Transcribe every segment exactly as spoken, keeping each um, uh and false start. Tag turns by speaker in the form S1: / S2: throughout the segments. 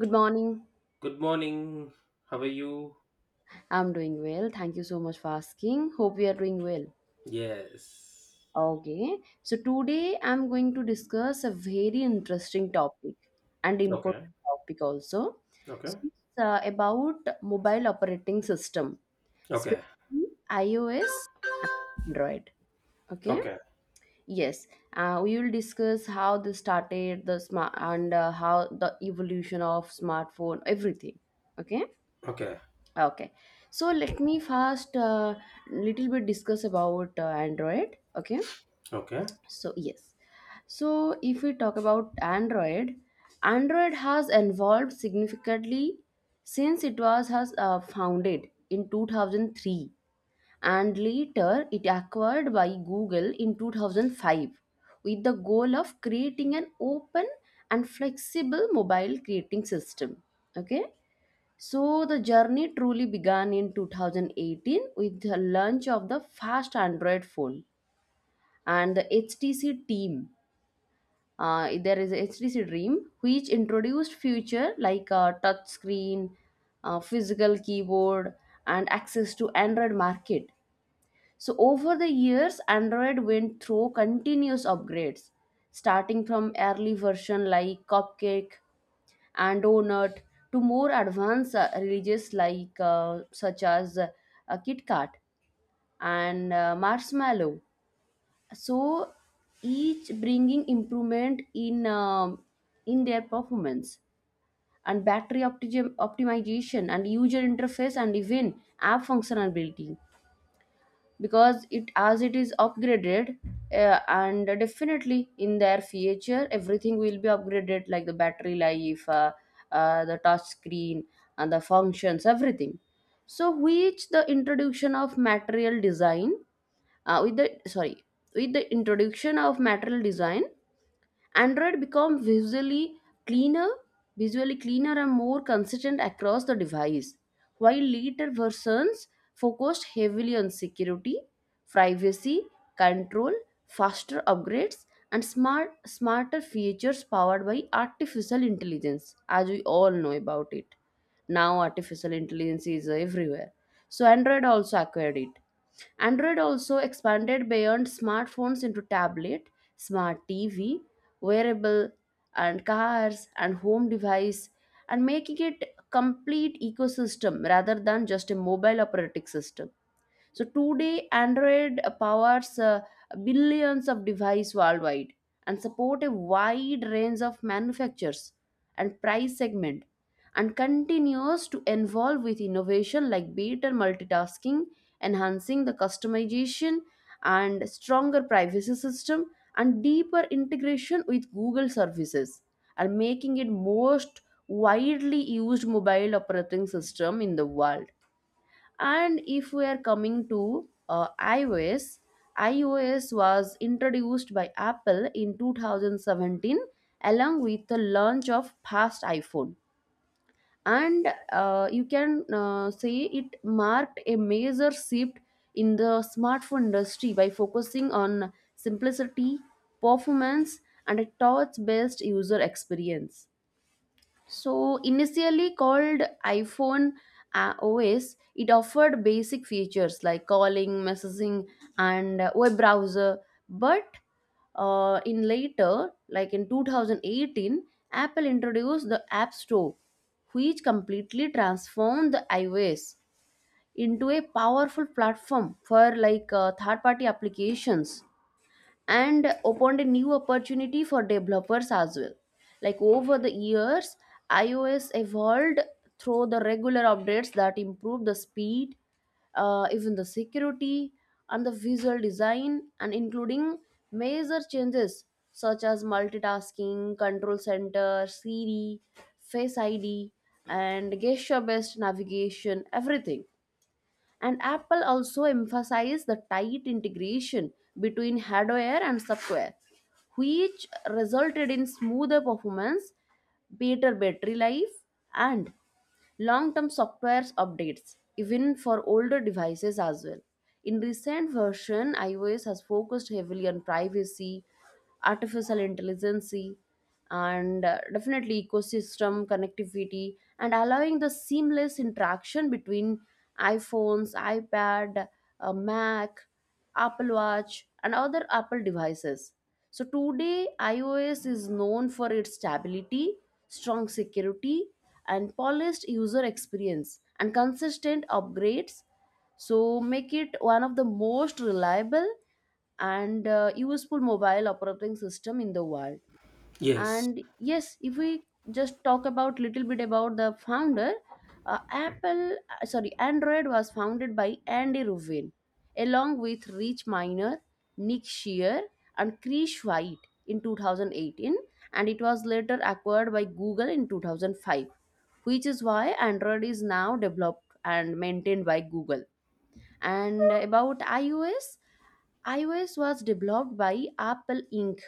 S1: Good morning.
S2: Good morning. How are you?
S1: I'm doing well. Thank you so much for asking. Hope you are doing well.
S2: Yes.
S1: Okay. So today I'm going to discuss a very interesting topic and important
S2: Okay.
S1: topic also.
S2: Okay.
S1: So it's uh, about mobile operating system,
S2: Okay.
S1: specifically iOS, Android. Okay.
S2: Okay.
S1: Yes. Uh, we will discuss how this started, the smart and uh, how the evolution of smartphone, everything. Okay.
S2: Okay.
S1: Okay, so let me first uh, little bit discuss about uh, Android. Okay,
S2: Okay.
S1: so yes, so if we talk about Android, Android has evolved significantly since it was has uh, founded in two thousand three and later it acquired by Google in two thousand five with the goal of creating an open and flexible mobile creating system. Okay, so the journey truly began in two thousand eighteen with the launch of the first Android phone and the H T C team. Uh, there is a H T C Dream, which introduced feature like a touch screen, uh, physical keyboard, and access to Android market. So over the years, Android went through continuous upgrades, starting from early version like Cupcake and donut to more advanced uh, religious like uh, such as uh, Kit Kat and uh, marshmallow. So each bringing improvement in um, in their performance and battery opti- optimization and user interface and even app functionality because it as it is upgraded uh, and definitely in their future everything will be upgraded like the battery life uh, uh, the touch screen and the functions everything. So which the introduction of material design uh, with the sorry with the introduction of material design, Android become visually cleaner, visually cleaner and more consistent across the device, while later versions focused heavily on security, privacy, control, faster upgrades, and smart smarter features powered by artificial intelligence, as we all know about it. Now artificial intelligence is everywhere. So Android also acquired it. Android also expanded beyond smartphones into tablet, smart T V, wearable and cars and home device and making it a complete ecosystem rather than just a mobile operating system. So today, Android powers uh, billions of devices worldwide and support a wide range of manufacturers and price segment and continues to evolve with innovation like better multitasking, enhancing the customization and stronger privacy system and deeper integration with Google services and making it most widely used mobile operating system in the world. And if we are coming to uh, iOS, iOS was introduced by Apple in two thousand seventeen along with the launch of past iPhone. And uh, you can uh, say it marked a major shift in the smartphone industry by focusing on simplicity, performance, and a touch based user experience. So, initially called iPhone uh, O S, it offered basic features like calling, messaging, and uh, web browser. But uh, in later, like in two thousand eighteen, Apple introduced the App Store, which completely transformed the iOS into a powerful platform for like uh, third party applications and opened a new opportunity for developers as well. Like over the years, iOS evolved through the regular updates that improve the speed, uh, even the security and the visual design, and including major changes such as multitasking, control center, Siri, Face I D, and gesture based navigation, everything. And Apple also emphasized the tight integration between hardware and software, which resulted in smoother performance, better battery life, and long term software updates even for older devices as well. In recent version, iOS has focused heavily on privacy, artificial intelligence, and uh, definitely ecosystem connectivity and allowing the seamless interaction between iPhones, iPad, uh, Mac, Apple Watch, and other Apple devices. So today, iOS is known for its stability, strong security, and polished user experience and consistent upgrades. So make it one of the most reliable and uh, useful mobile operating system in the world.
S2: Yes.
S1: And yes, if we just talk about little bit about the founder, uh, apple uh, sorry Android was founded by Andy Rubin along with Rich Miner, Nick Shear, and Chris White in two thousand eighteen and it was later acquired by Google in two thousand five, which is why Android is now developed and maintained by Google. And about iOS, iOS was developed by Apple Inc.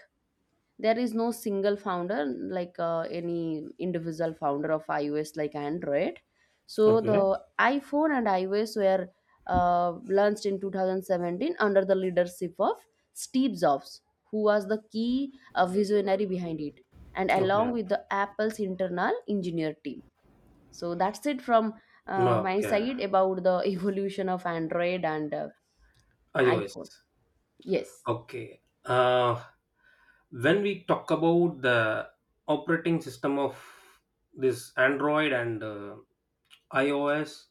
S1: There is no single founder like uh, any individual founder of iOS like Android. So the
S2: Okay.
S1: iPhone and iOS were uh, launched in two thousand seventeen under the leadership of Steve Jobs, who was the key uh, visionary behind it and along
S2: Okay.
S1: with the Apple's internal engineer team. So that's it from uh, my
S2: Okay.
S1: side about the evolution of Android and uh,
S2: iOS.
S1: iPhone. Yes.
S2: Okay. Uh, when we talk about the operating system of this Android and uh, iOS,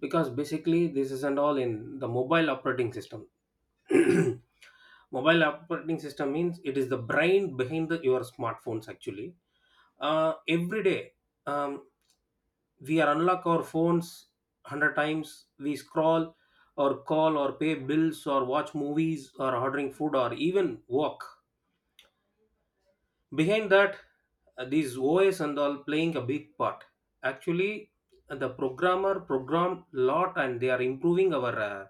S2: because basically this is and all in the mobile operating system. Mobile operating system means it is the brain behind the, your smartphones actually. uh, every day, um, we are unlock our phones one hundred times. We scroll or call or pay bills or watch movies or ordering food or even walk behind that, uh, these os and all playing a big part actually. uh, the programmer program lot and they are improving our uh,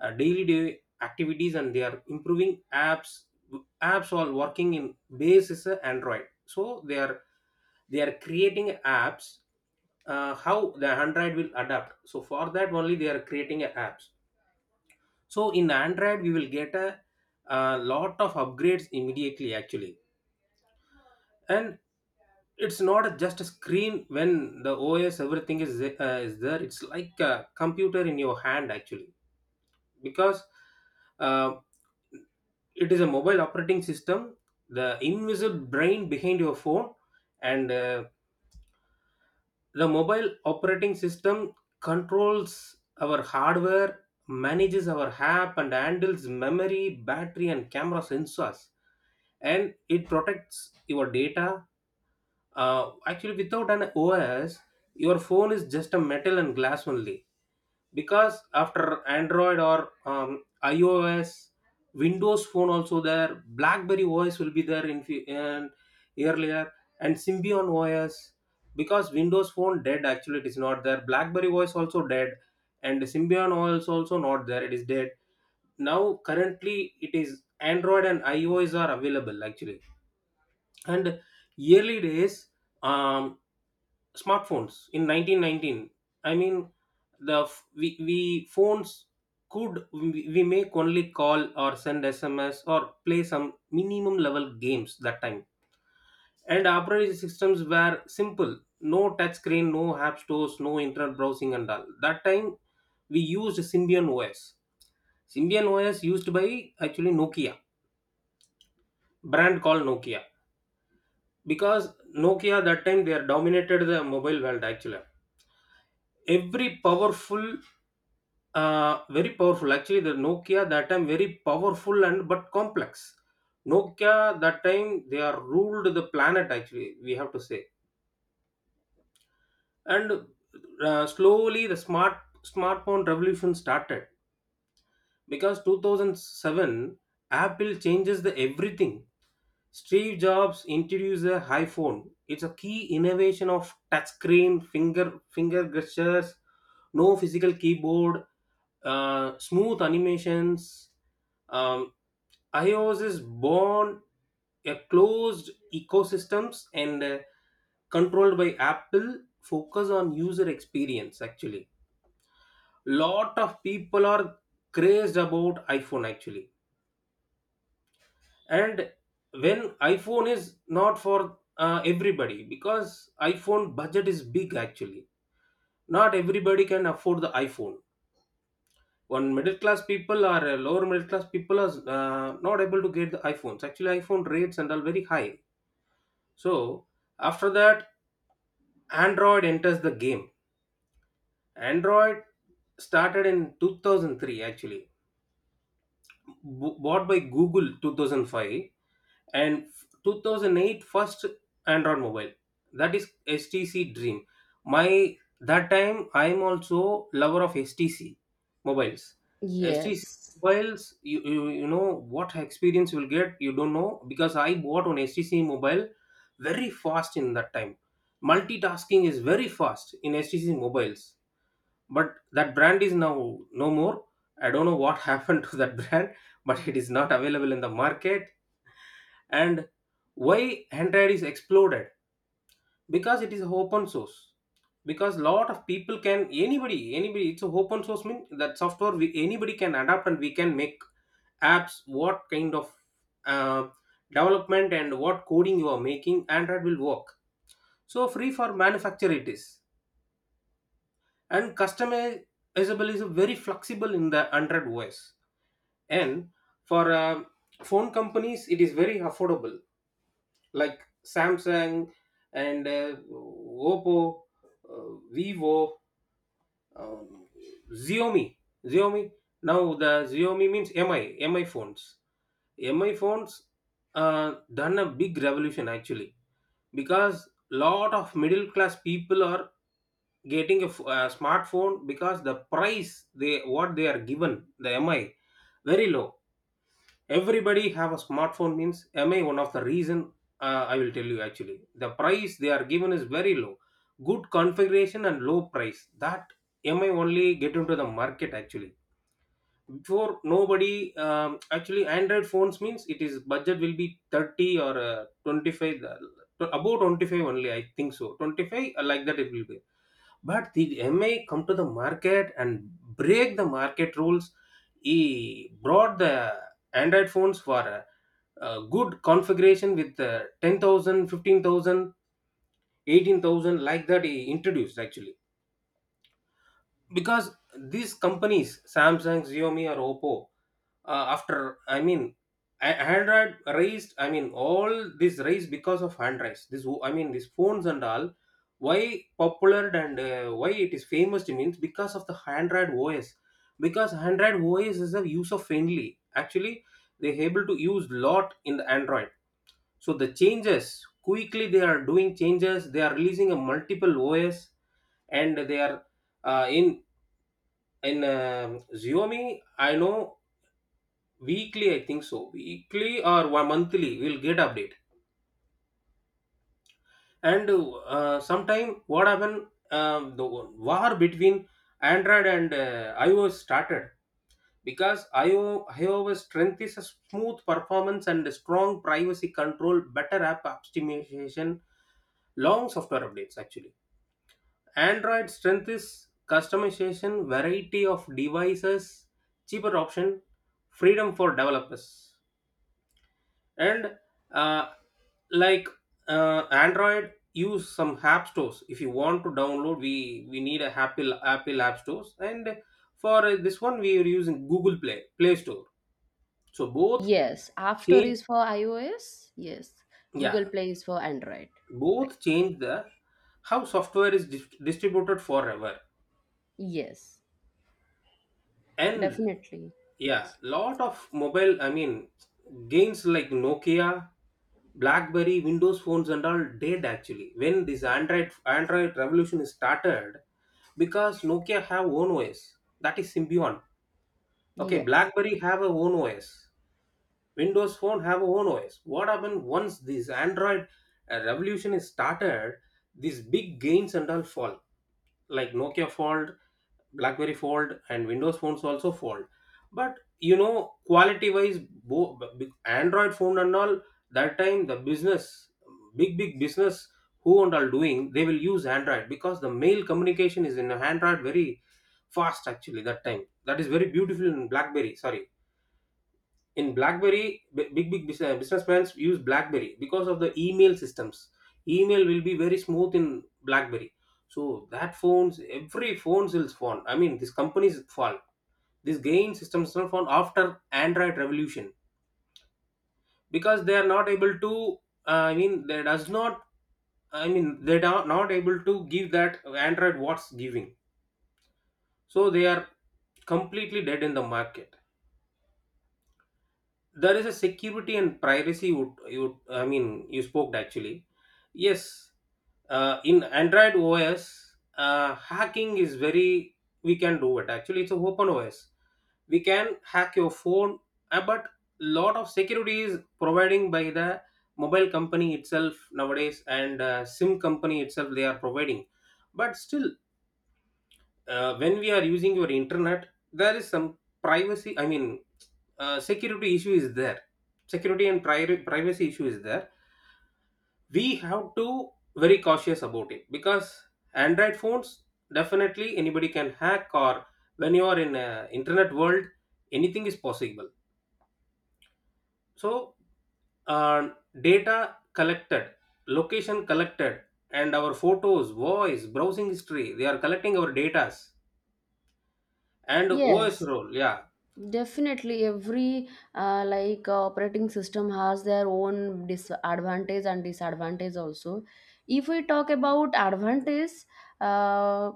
S2: uh, daily day activities and they are improving apps apps all working in base is a android. So they are they are creating apps. uh, how the android will adapt, so for that only they are creating a apps. So in android we will get a, a lot of upgrades immediately actually. And it's not just a screen. When the os everything is the- uh, is there, it's like a computer in your hand actually. Because uh, it is a mobile operating system, the invisible brain behind your phone. And uh, the mobile operating system controls our hardware, manages our app, and handles memory, battery, and camera sensors, and it protects your data. uh, actually without an os your phone is just a metal and glass only. Because after android or um, ios, windows phone also there, blackberry os will be there in, fu- and earlier, and symbian os. Because windows phone dead actually, it is not there, blackberry os also dead, and symbian os also not there, it is dead. Now currently it is android and ios are available actually. And early days, um, smartphones in nineteen nineteen, I mean the f- we, we phones could, we, we make only call or send sms or play some minimum level games that time. And operating systems were simple, no touch screen, no app stores, no internet browsing and all. That time we used symbian os. Symbian os used by actually nokia, brand called nokia. Because nokia that time they are dominated the mobile world actually. Every powerful, uh, very powerful actually the nokia that time, very powerful, and but complex. Nokia that time they are ruled the planet actually, we have to say. And uh, slowly the smart smartphone revolution started. Because two thousand seven Apple changes the everything. Steve Jobs introduced the iPhone. It's a key innovation of touchscreen, finger finger gestures, no physical keyboard, uh, smooth animations. Um, iOS is born, a closed ecosystems and uh, controlled by Apple. Focus on user experience. Actually, lot of people are crazed about iPhone actually. And when iphone is not for uh, everybody, because iphone budget is big actually, not everybody can afford the iphone. One middle class people or uh, lower middle class people are uh, not able to get the iphones actually, iphone rates and all very high. So after that android enters the game. Android started in two thousand three actually, b- bought by google two thousand five, and two thousand eight first android mobile, that is stc dream. My that time I'm also lover of stc mobiles. STC
S1: Yes.
S2: mobiles, you, you you know what experience you'll get, you don't know, because I bought on stc mobile. Very fast in that time, multitasking is very fast in stc mobiles. But that brand is now no more. I don't know what happened to that brand, but it is not available in the market. And why android is exploded, because it is open source. Because lot of people can, anybody anybody it's a open source mean that software, we, anybody can adapt and we can make apps. What kind of uh, development and what coding you are making, android will work. So free for manufacture it is, and customizable is very flexible in the android os. And for uh, phone companies it is very affordable, like Samsung and uh, Oppo, uh, Vivo, um, Xiaomi. Xiaomi. Now the Xiaomi means M I, M I phones. M I phones uh, done a big revolution actually, because lot of middle class people are getting a, f- a smartphone, because the price they what they are given the M I very low. Everybody have a smartphone means am I one of the reason. uh, I will tell you actually. The price they are given is very low, good configuration and low price, that am I only get into the market actually. Before nobody, um, actually android phones means it is budget will be thirty or uh, twenty-five, uh, about twenty-five only, I think so twenty-five, uh, like that it will be. But the M I come to the market and break the market rules. He brought the Android phones for a, a good configuration with the ten thousand, fifteen thousand, eighteen thousand, like that he introduced actually. Because these companies samsung xiaomi or oppo uh, after I mean a- android raised, I mean all this raised because of hand raised this wo- I mean these phones and all. Why popular and uh, why it is famous means because of the android os. Because android os is a user friendly actually, they able to use lot in the android. So the changes quickly they are doing changes, they are releasing a multiple os. And they are uh, in in um, Xiaomi, I know weekly, I think so, weekly or one monthly, we'll get update. And uh, sometime what happened, um, the war between Android and uh, iOS started. Because iOS iOS strength is a smooth performance and a strong privacy control, better app optimization, long software updates actually. Android strength is customization, variety of devices, cheaper option, freedom for developers. And uh, like uh, Android, use some app stores. If you want to download, we we need a Apple Apple app stores. And for uh, this one, we are using Google Play Play Store. So both
S1: Yes, App Store
S2: change,
S1: is for iOS. Yes, Google
S2: yeah,
S1: Play is for Android. Right.
S2: both change the how software is dis- distributed forever.
S1: Yes,
S2: And
S1: definitely.
S2: yeah, lot of mobile, I mean games like nokia, blackberry, windows phones and all did actually when this android android revolution is started. Because nokia have own os, that is symbian. Okay,
S1: Yes.
S2: blackberry have a own os, windows phone have a own os. What happened once this android uh, revolution is started, these big gains and all fall, like nokia fall, blackberry fold and windows phones also fold. But you know quality wise, bo- b- android phone and all that time, the business, big big business who and all doing, they will use android because the mail communication is in android very fast actually. That time that is very beautiful in blackberry, sorry, in blackberry, b- big big business, businessmen use blackberry because of the email systems. Email will be very smooth in blackberry. So that phones every phones will spawn, I mean this company's fall, this gain systems are formed after android revolution. Because they are not able to uh, I mean they does not, I mean they are not able to give that android what's giving, so they are completely dead in the market. There is a security and privacy would you would- I mean you spoke actually. Yes, uh, in android os uh, hacking is very, we can do it actually, it's a open os. We can hack your phone, uh, but lot of security is providing by the mobile company itself nowadays and uh, sim company itself they are providing. But still uh, when we are using your internet there is some privacy, I mean uh, security issue is there. Security and pri- privacy issue is there. We have to very cautious about it, because android phones definitely anybody can hack, or when you are in a internet world anything is possible. So uh, data collected, location collected, and our photos, voice, browsing history, they are collecting our datas and os
S1: Yes.
S2: role. Yeah.
S1: Definitely, every uh, like uh, operating system has their own disadvantage and disadvantage also. If we talk about advantage, uh,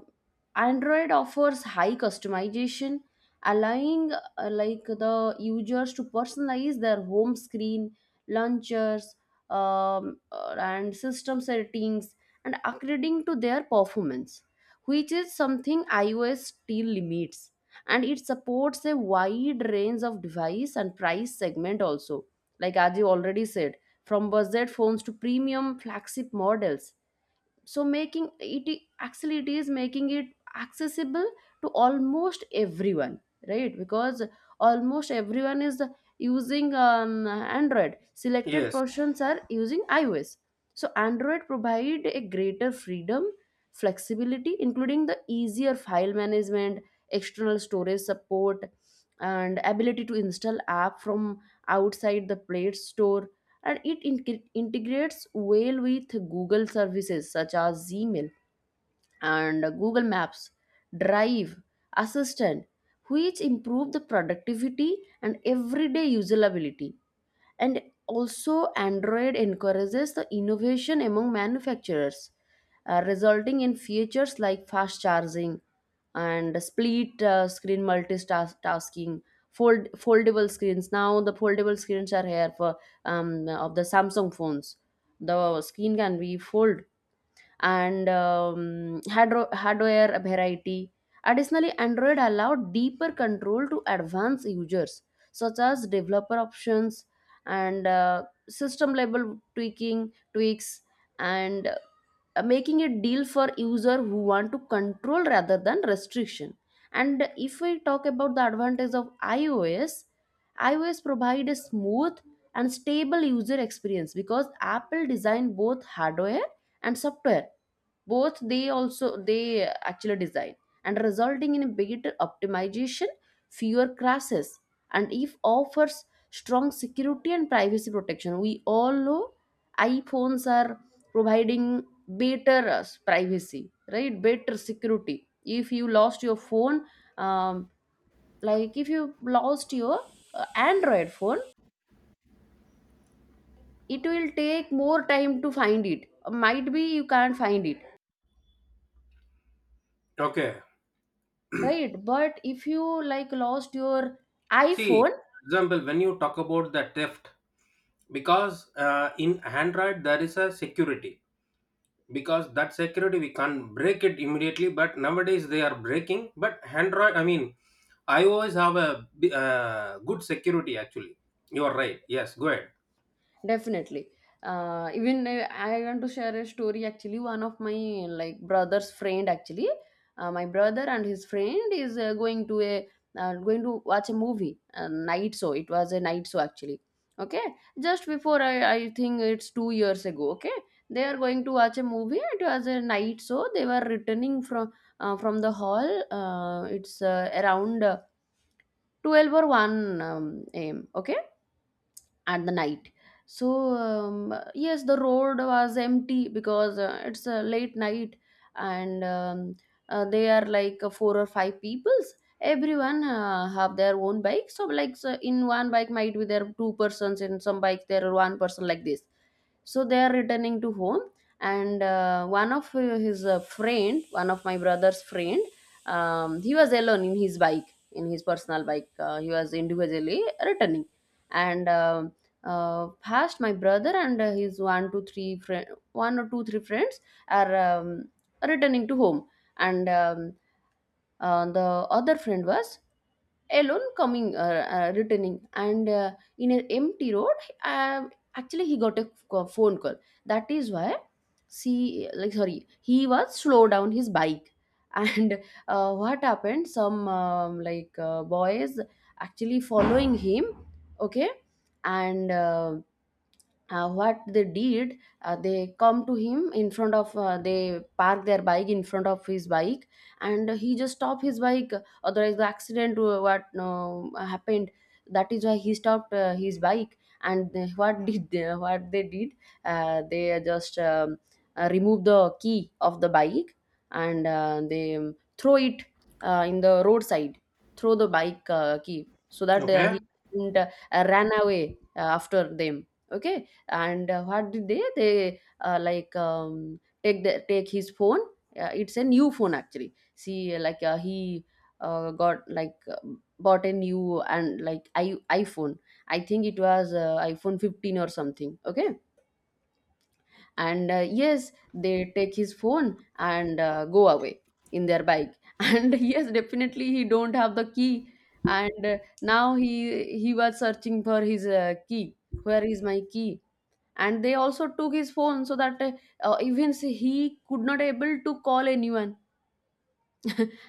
S1: Android offers high customization, allowing uh, like the users to personalize their home screen, launchers, um, uh, and system settings, and according to their performance, which is something iOS still limits and it supports a wide range of device and price segment also, like as you already said, from budget phones to premium flagship models. So making it i- actually it is making it accessible to almost everyone, right, because almost everyone is using um, Android, selected
S2: Yes.
S1: portions are using iOS. So Android provide a greater freedom, flexibility including the easier file management, external storage support, and ability to install app from outside the play store. And it in- integrates well with Google services such as Gmail and Google Maps, Drive, Assistant, which improve the productivity and everyday usability. And also Android encourages the innovation among manufacturers, uh, resulting in features like fast charging and split uh, screen multitasking, fold foldable screens. Now the foldable screens are here for um, of the Samsung phones, the screen can be fold and um, hardro- hardware variety. Additionally, Android allowed deeper control to advanced users, such as developer options and uh, system level tweaking tweaks, and uh, making it deal for user who want to control rather than restriction. And if we talk about the advantage of iOS, iOS provide a smooth and stable user experience because Apple designed both hardware and software, both they also they actually design and resulting in a better optimization, fewer crashes and if offers strong security and privacy protection. We all know iPhones are providing better uh, privacy, right, better security. If you lost your phone, um, like if you lost your uh, Android phone, it will take more time to find it, might be you can't find it,
S2: Okay.
S1: right, but if you like lost your
S2: See
S1: iPhone,
S2: example, when you talk about the theft, because uh, in android there is a security. Because that security we can't break it immediately, but nowadays they are breaking, but android I mean ios have a bi- uh, good security actually. You are right, yes, go ahead.
S1: definitely. Uh, even uh, I want to share a story, actually. One of my like brother's friend actually, uh, my brother and his friend is uh, going to a uh, going to watch a movie, a night show. It was a night show actually. Okay. Just before, i i think it's two years ago, okay. They are going to watch a movie, it was a night show. They were returning from uh, from the hall. Uh, it's uh, around uh, twelve or one um, am, okay, at the night. So um, yes, the road was empty because uh, it's a late night. And um, uh, they are like uh, four or five peoples, everyone uh, have their own bike. So like, so in one bike might be there are two persons, in some bike there are one person, like this. So they are returning to home. And uh, one of uh, his uh, friend, one of my brother's friend, um, he was alone in his bike, in his personal bike, uh, he was individually returning. And um uh, past my brother and uh, his one two three friend, one or two three friends are um, returning to home. And um, uh, the other friend was alone coming uh, uh, returning and uh, in an empty road, uh, actually he got a c- phone call. That is why, see like sorry he was slow down his bike and uh, what happened, some um, like uh, boys actually following him, okay. And uh, uh, what they did, uh, they come to him in front of uh, they park their bike in front of his bike and he just stopped his bike otherwise the accident uh, what uh, happened. That is why he stopped uh, his bike and they- what did they, what they did, uh, they just um, uh, remove the key of the bike and uh, they um, throw it uh, in the roadside, throw the bike uh, key so that uh,
S2: Okay.
S1: he didn't, uh, ran away uh, after them, okay. And uh, what did they they uh, like um, take the take his phone. Uh, it's a new phone actually, see like, uh, he uh, got like uh, bought a new and like I, iPhone, I think it was uh, iPhone fifteen or something, okay. And uh, yes, they take his phone and uh, go away in their bike and yes, definitely he don't have the key. And uh, now he he was searching for his uh, key. Where is my key? And they also took his phone, so that uh, uh, even he could not able to call anyone.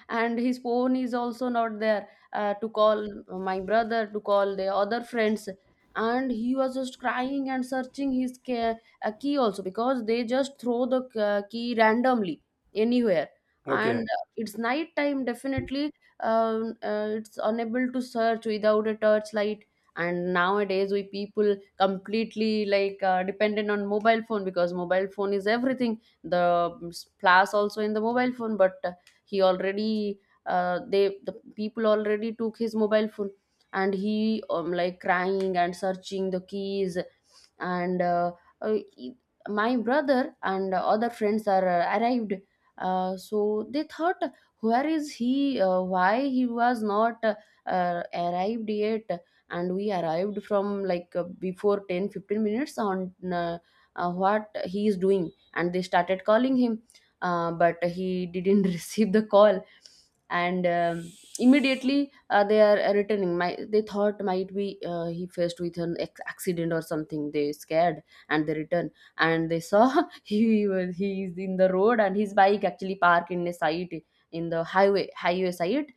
S1: And his phone is also not there uh, to call my brother, to call the other friends. And he was just crying and searching his ca- uh, key also, because they just throw the uh, key randomly anywhere.
S2: Okay.
S1: And it's night time, definitely. Um, uh, it's unable to search without a torchlight. And nowadays we people completely like uh, dependent on mobile phone, because mobile phone is everything. The um, s- flash also in the mobile phone, but uh, he already uh, they the people already took his mobile phone. And he um, like crying and searching the keys. And uh, uh, he- my brother and other friends are uh, arrived. Uh, so they thought, where is he? Uh, why he was not uh, uh, arrived yet? And we arrived from like uh, before ten fifteen minutes on. Uh, uh, what he is doing, and they started calling him, uh, but he didn't receive the call. And um, immediately uh, they are returning. My They thought, might be uh, he faced with an ex- accident or something. They scared, and they return. And they saw he was he is in the road and his bike actually parked in a site, in the highway highway site.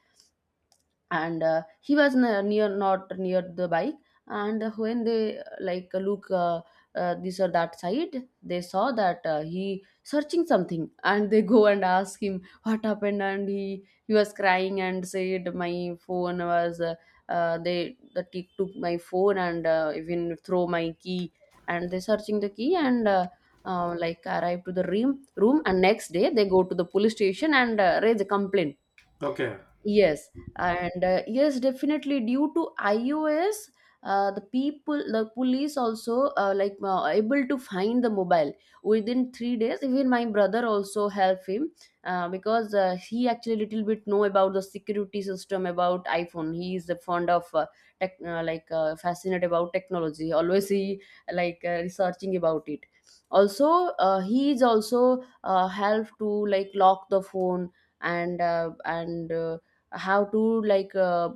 S1: And uh, he was ne- near, not near the bike. And when they uh, like look uh, uh, this or that side, they saw that uh, he searching something, and they go and ask him what happened. And he he was crying and said, my phone was uh, uh, they the thief took my phone and uh, even throw my key. And they searching the key, and uh, uh, like arrive to the room room. And next day they go to the police station and uh, raise a complaint.
S2: Okay.
S1: Yes. And uh, yes, definitely, due to iOS, uh, the people, the police also uh, like uh, able to find the mobile within three days. Even my brother also help him, uh, because uh, he actually little bit know about the security system about iPhone. He is a fond of uh, tech, uh, like uh, fascinated about technology. Always he like uh, researching about it. Also, uh, he is also uh, help to like lock the phone, and uh, and. Uh, how to like uh,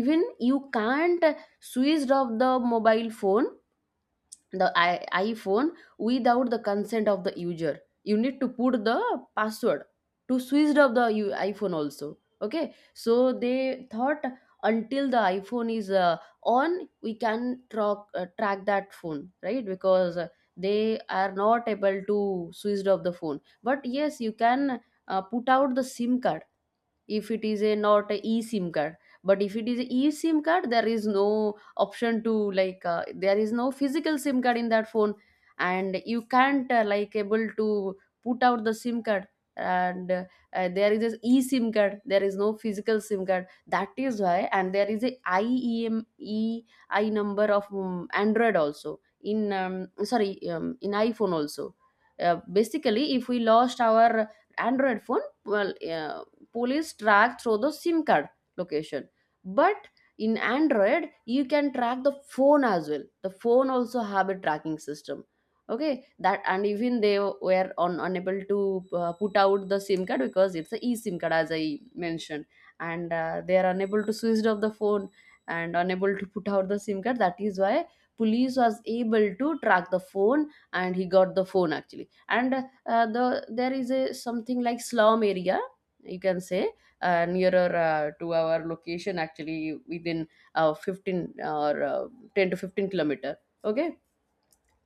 S1: even you can't switch off the mobile phone, the I- iPhone, without the consent of the user. You need to put the password to switch off the u- iPhone also. Okay, so they thought, until the iPhone is uh, on, we can track uh, track that phone, right? Because uh, they are not able to switch off the phone. But yes, you can uh, put out the SIM card, if it is a not a eSIM card. But if it is a eSIM card, there is no option to, like uh, there is no physical SIM card in that phone, and you can't uh, like able to put out the SIM card. And uh, uh, there is a eSIM card. There is no physical SIM card. That is why. And there is a I E M E I number of um, Android also, in um, sorry, um, in iPhone also. Uh, basically, if we lost our Android phone, well, yeah, police track through the SIM card location. But in Android you can track the phone as well. The phone also have a tracking system. Okay, that. And even they were on, unable to uh, put out the SIM card, because it's a e sim card, as I mentioned. And uh, they are unable to switch off the phone, and unable to put out the SIM card. That is why police was able to track the phone, and he got the phone actually. And uh, the there is a something like slum area, you can say, uh, nearer uh, to our location, actually within uh, fifteen or uh, ten to fifteen kilometer. Okay,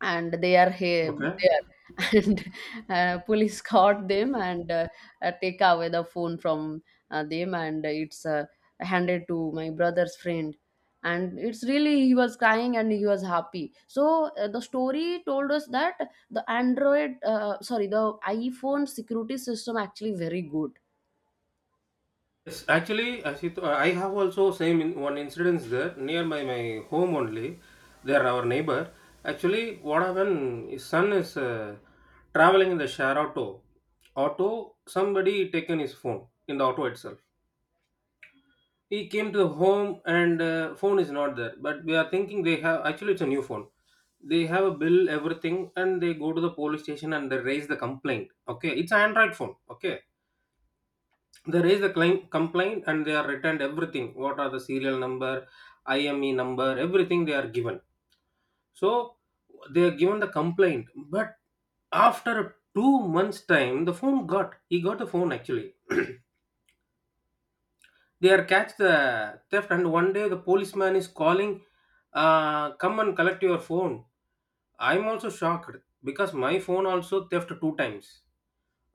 S1: and they are here
S2: Okay.
S1: there. And uh, police caught them, and uh, uh, take away the phone from uh, them, and it's uh, handed to my brother's friend. And it's really, he was crying and he was happy. So uh, the story told us that the Android, uh, sorry, the iPhone security system actually very good,
S2: Yes, actually, as I have also same in, one incidents there near my my home only. They are our neighbor. Actually, what happened? His son is uh, traveling in the share auto. Auto. Somebody taken his phone in the auto itself. He came to the home and uh, phone is not there. But we are thinking they have actually it's a new phone. They have a bill everything and they go to the police station and they raise the complaint. Okay, it's an Android phone. Okay, they raise the claim, complaint and they are returned everything, what are the serial number, ime number, everything they are given. So they are given the complaint. But after two months time, the phone got he got the phone actually. They are catch the theft, and one day the policeman is calling, uh, come and collect your phone. I'm also shocked because my phone also theft two times.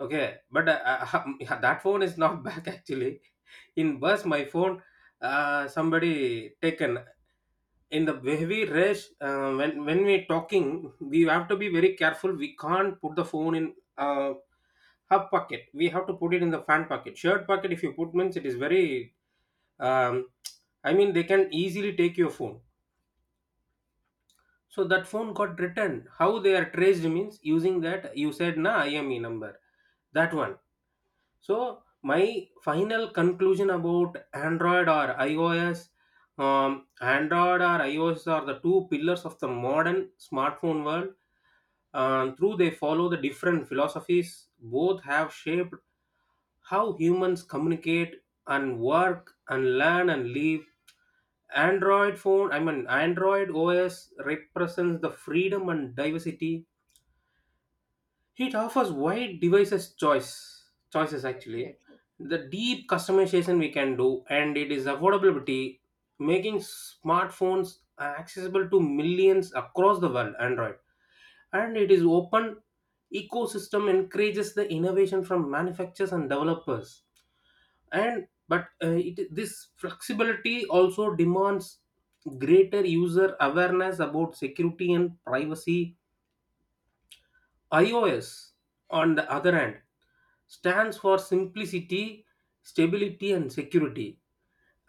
S2: Okay, but uh, that phone is not back actually. In bus, my phone, uh, somebody taken in the heavy rush. Uh, when when we talking, we have to be very careful. We can't put the phone in uh, hub pocket. We have to put it in the fan pocket, shirt pocket. If you put means it is very. Um, I mean, they can easily take your phone. So that phone got returned. How they are traced means using that, you said na I M E number. That one. So my final conclusion about Android or iOS, um, Android or iOS are the two pillars of the modern smartphone world. And through they follow the different philosophies. Both have shaped how humans communicate and work and learn and live. Android phone, I mean Android O S, represents the freedom and diversity, it offers wide devices choice choices actually.
S1: definitely.
S2: The deep customization we can do, and it is affordability, making smartphones accessible to millions across the world. Android and it is open ecosystem encourages the innovation from manufacturers and developers. And but uh, it, this flexibility also demands greater user awareness about security and privacy. iOS, on the other hand, stands for simplicity, stability, and security.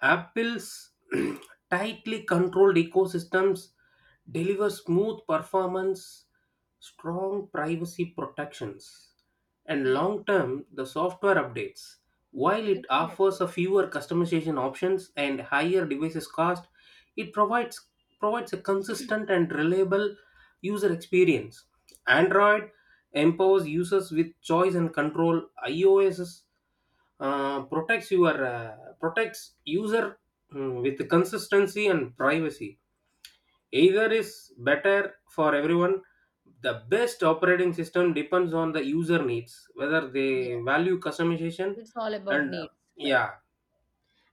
S2: Apple's tightly controlled ecosystems deliver smooth performance, strong privacy protections, and
S1: Yes,
S2: long term the software updates. While it offers
S1: definitely.
S2: a fewer customization options and higher devices cost, it provides provides a consistent and reliable user experience. Android empowers users with choice and control. iOS uh, protects your uh, protects user mm, with consistency and privacy. Either is better for everyone, the best operating system depends on the user needs, whether they
S1: Yes.
S2: value customization
S1: It's all about
S2: and uh,
S1: needs, right?
S2: yeah.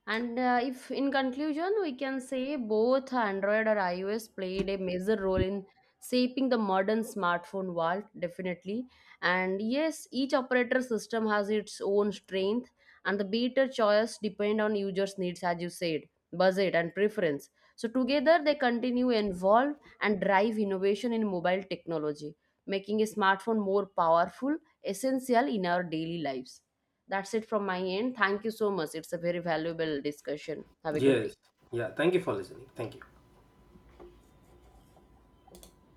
S1: And uh, if in conclusion, we can say both Android or iOS played a major role in shaping the modern smartphone world, definitely. And yes, each operator system has its own strength, and the better choice depend on users' needs, as you said, budget and preference. So together, they continue evolve and drive innovation in mobile technology, making a smartphone more powerful, essential in our daily lives. That's it from my end. Thank you so much. It's a very valuable discussion. Have a good day.
S2: Yes. Yeah, thank you for listening. Thank you.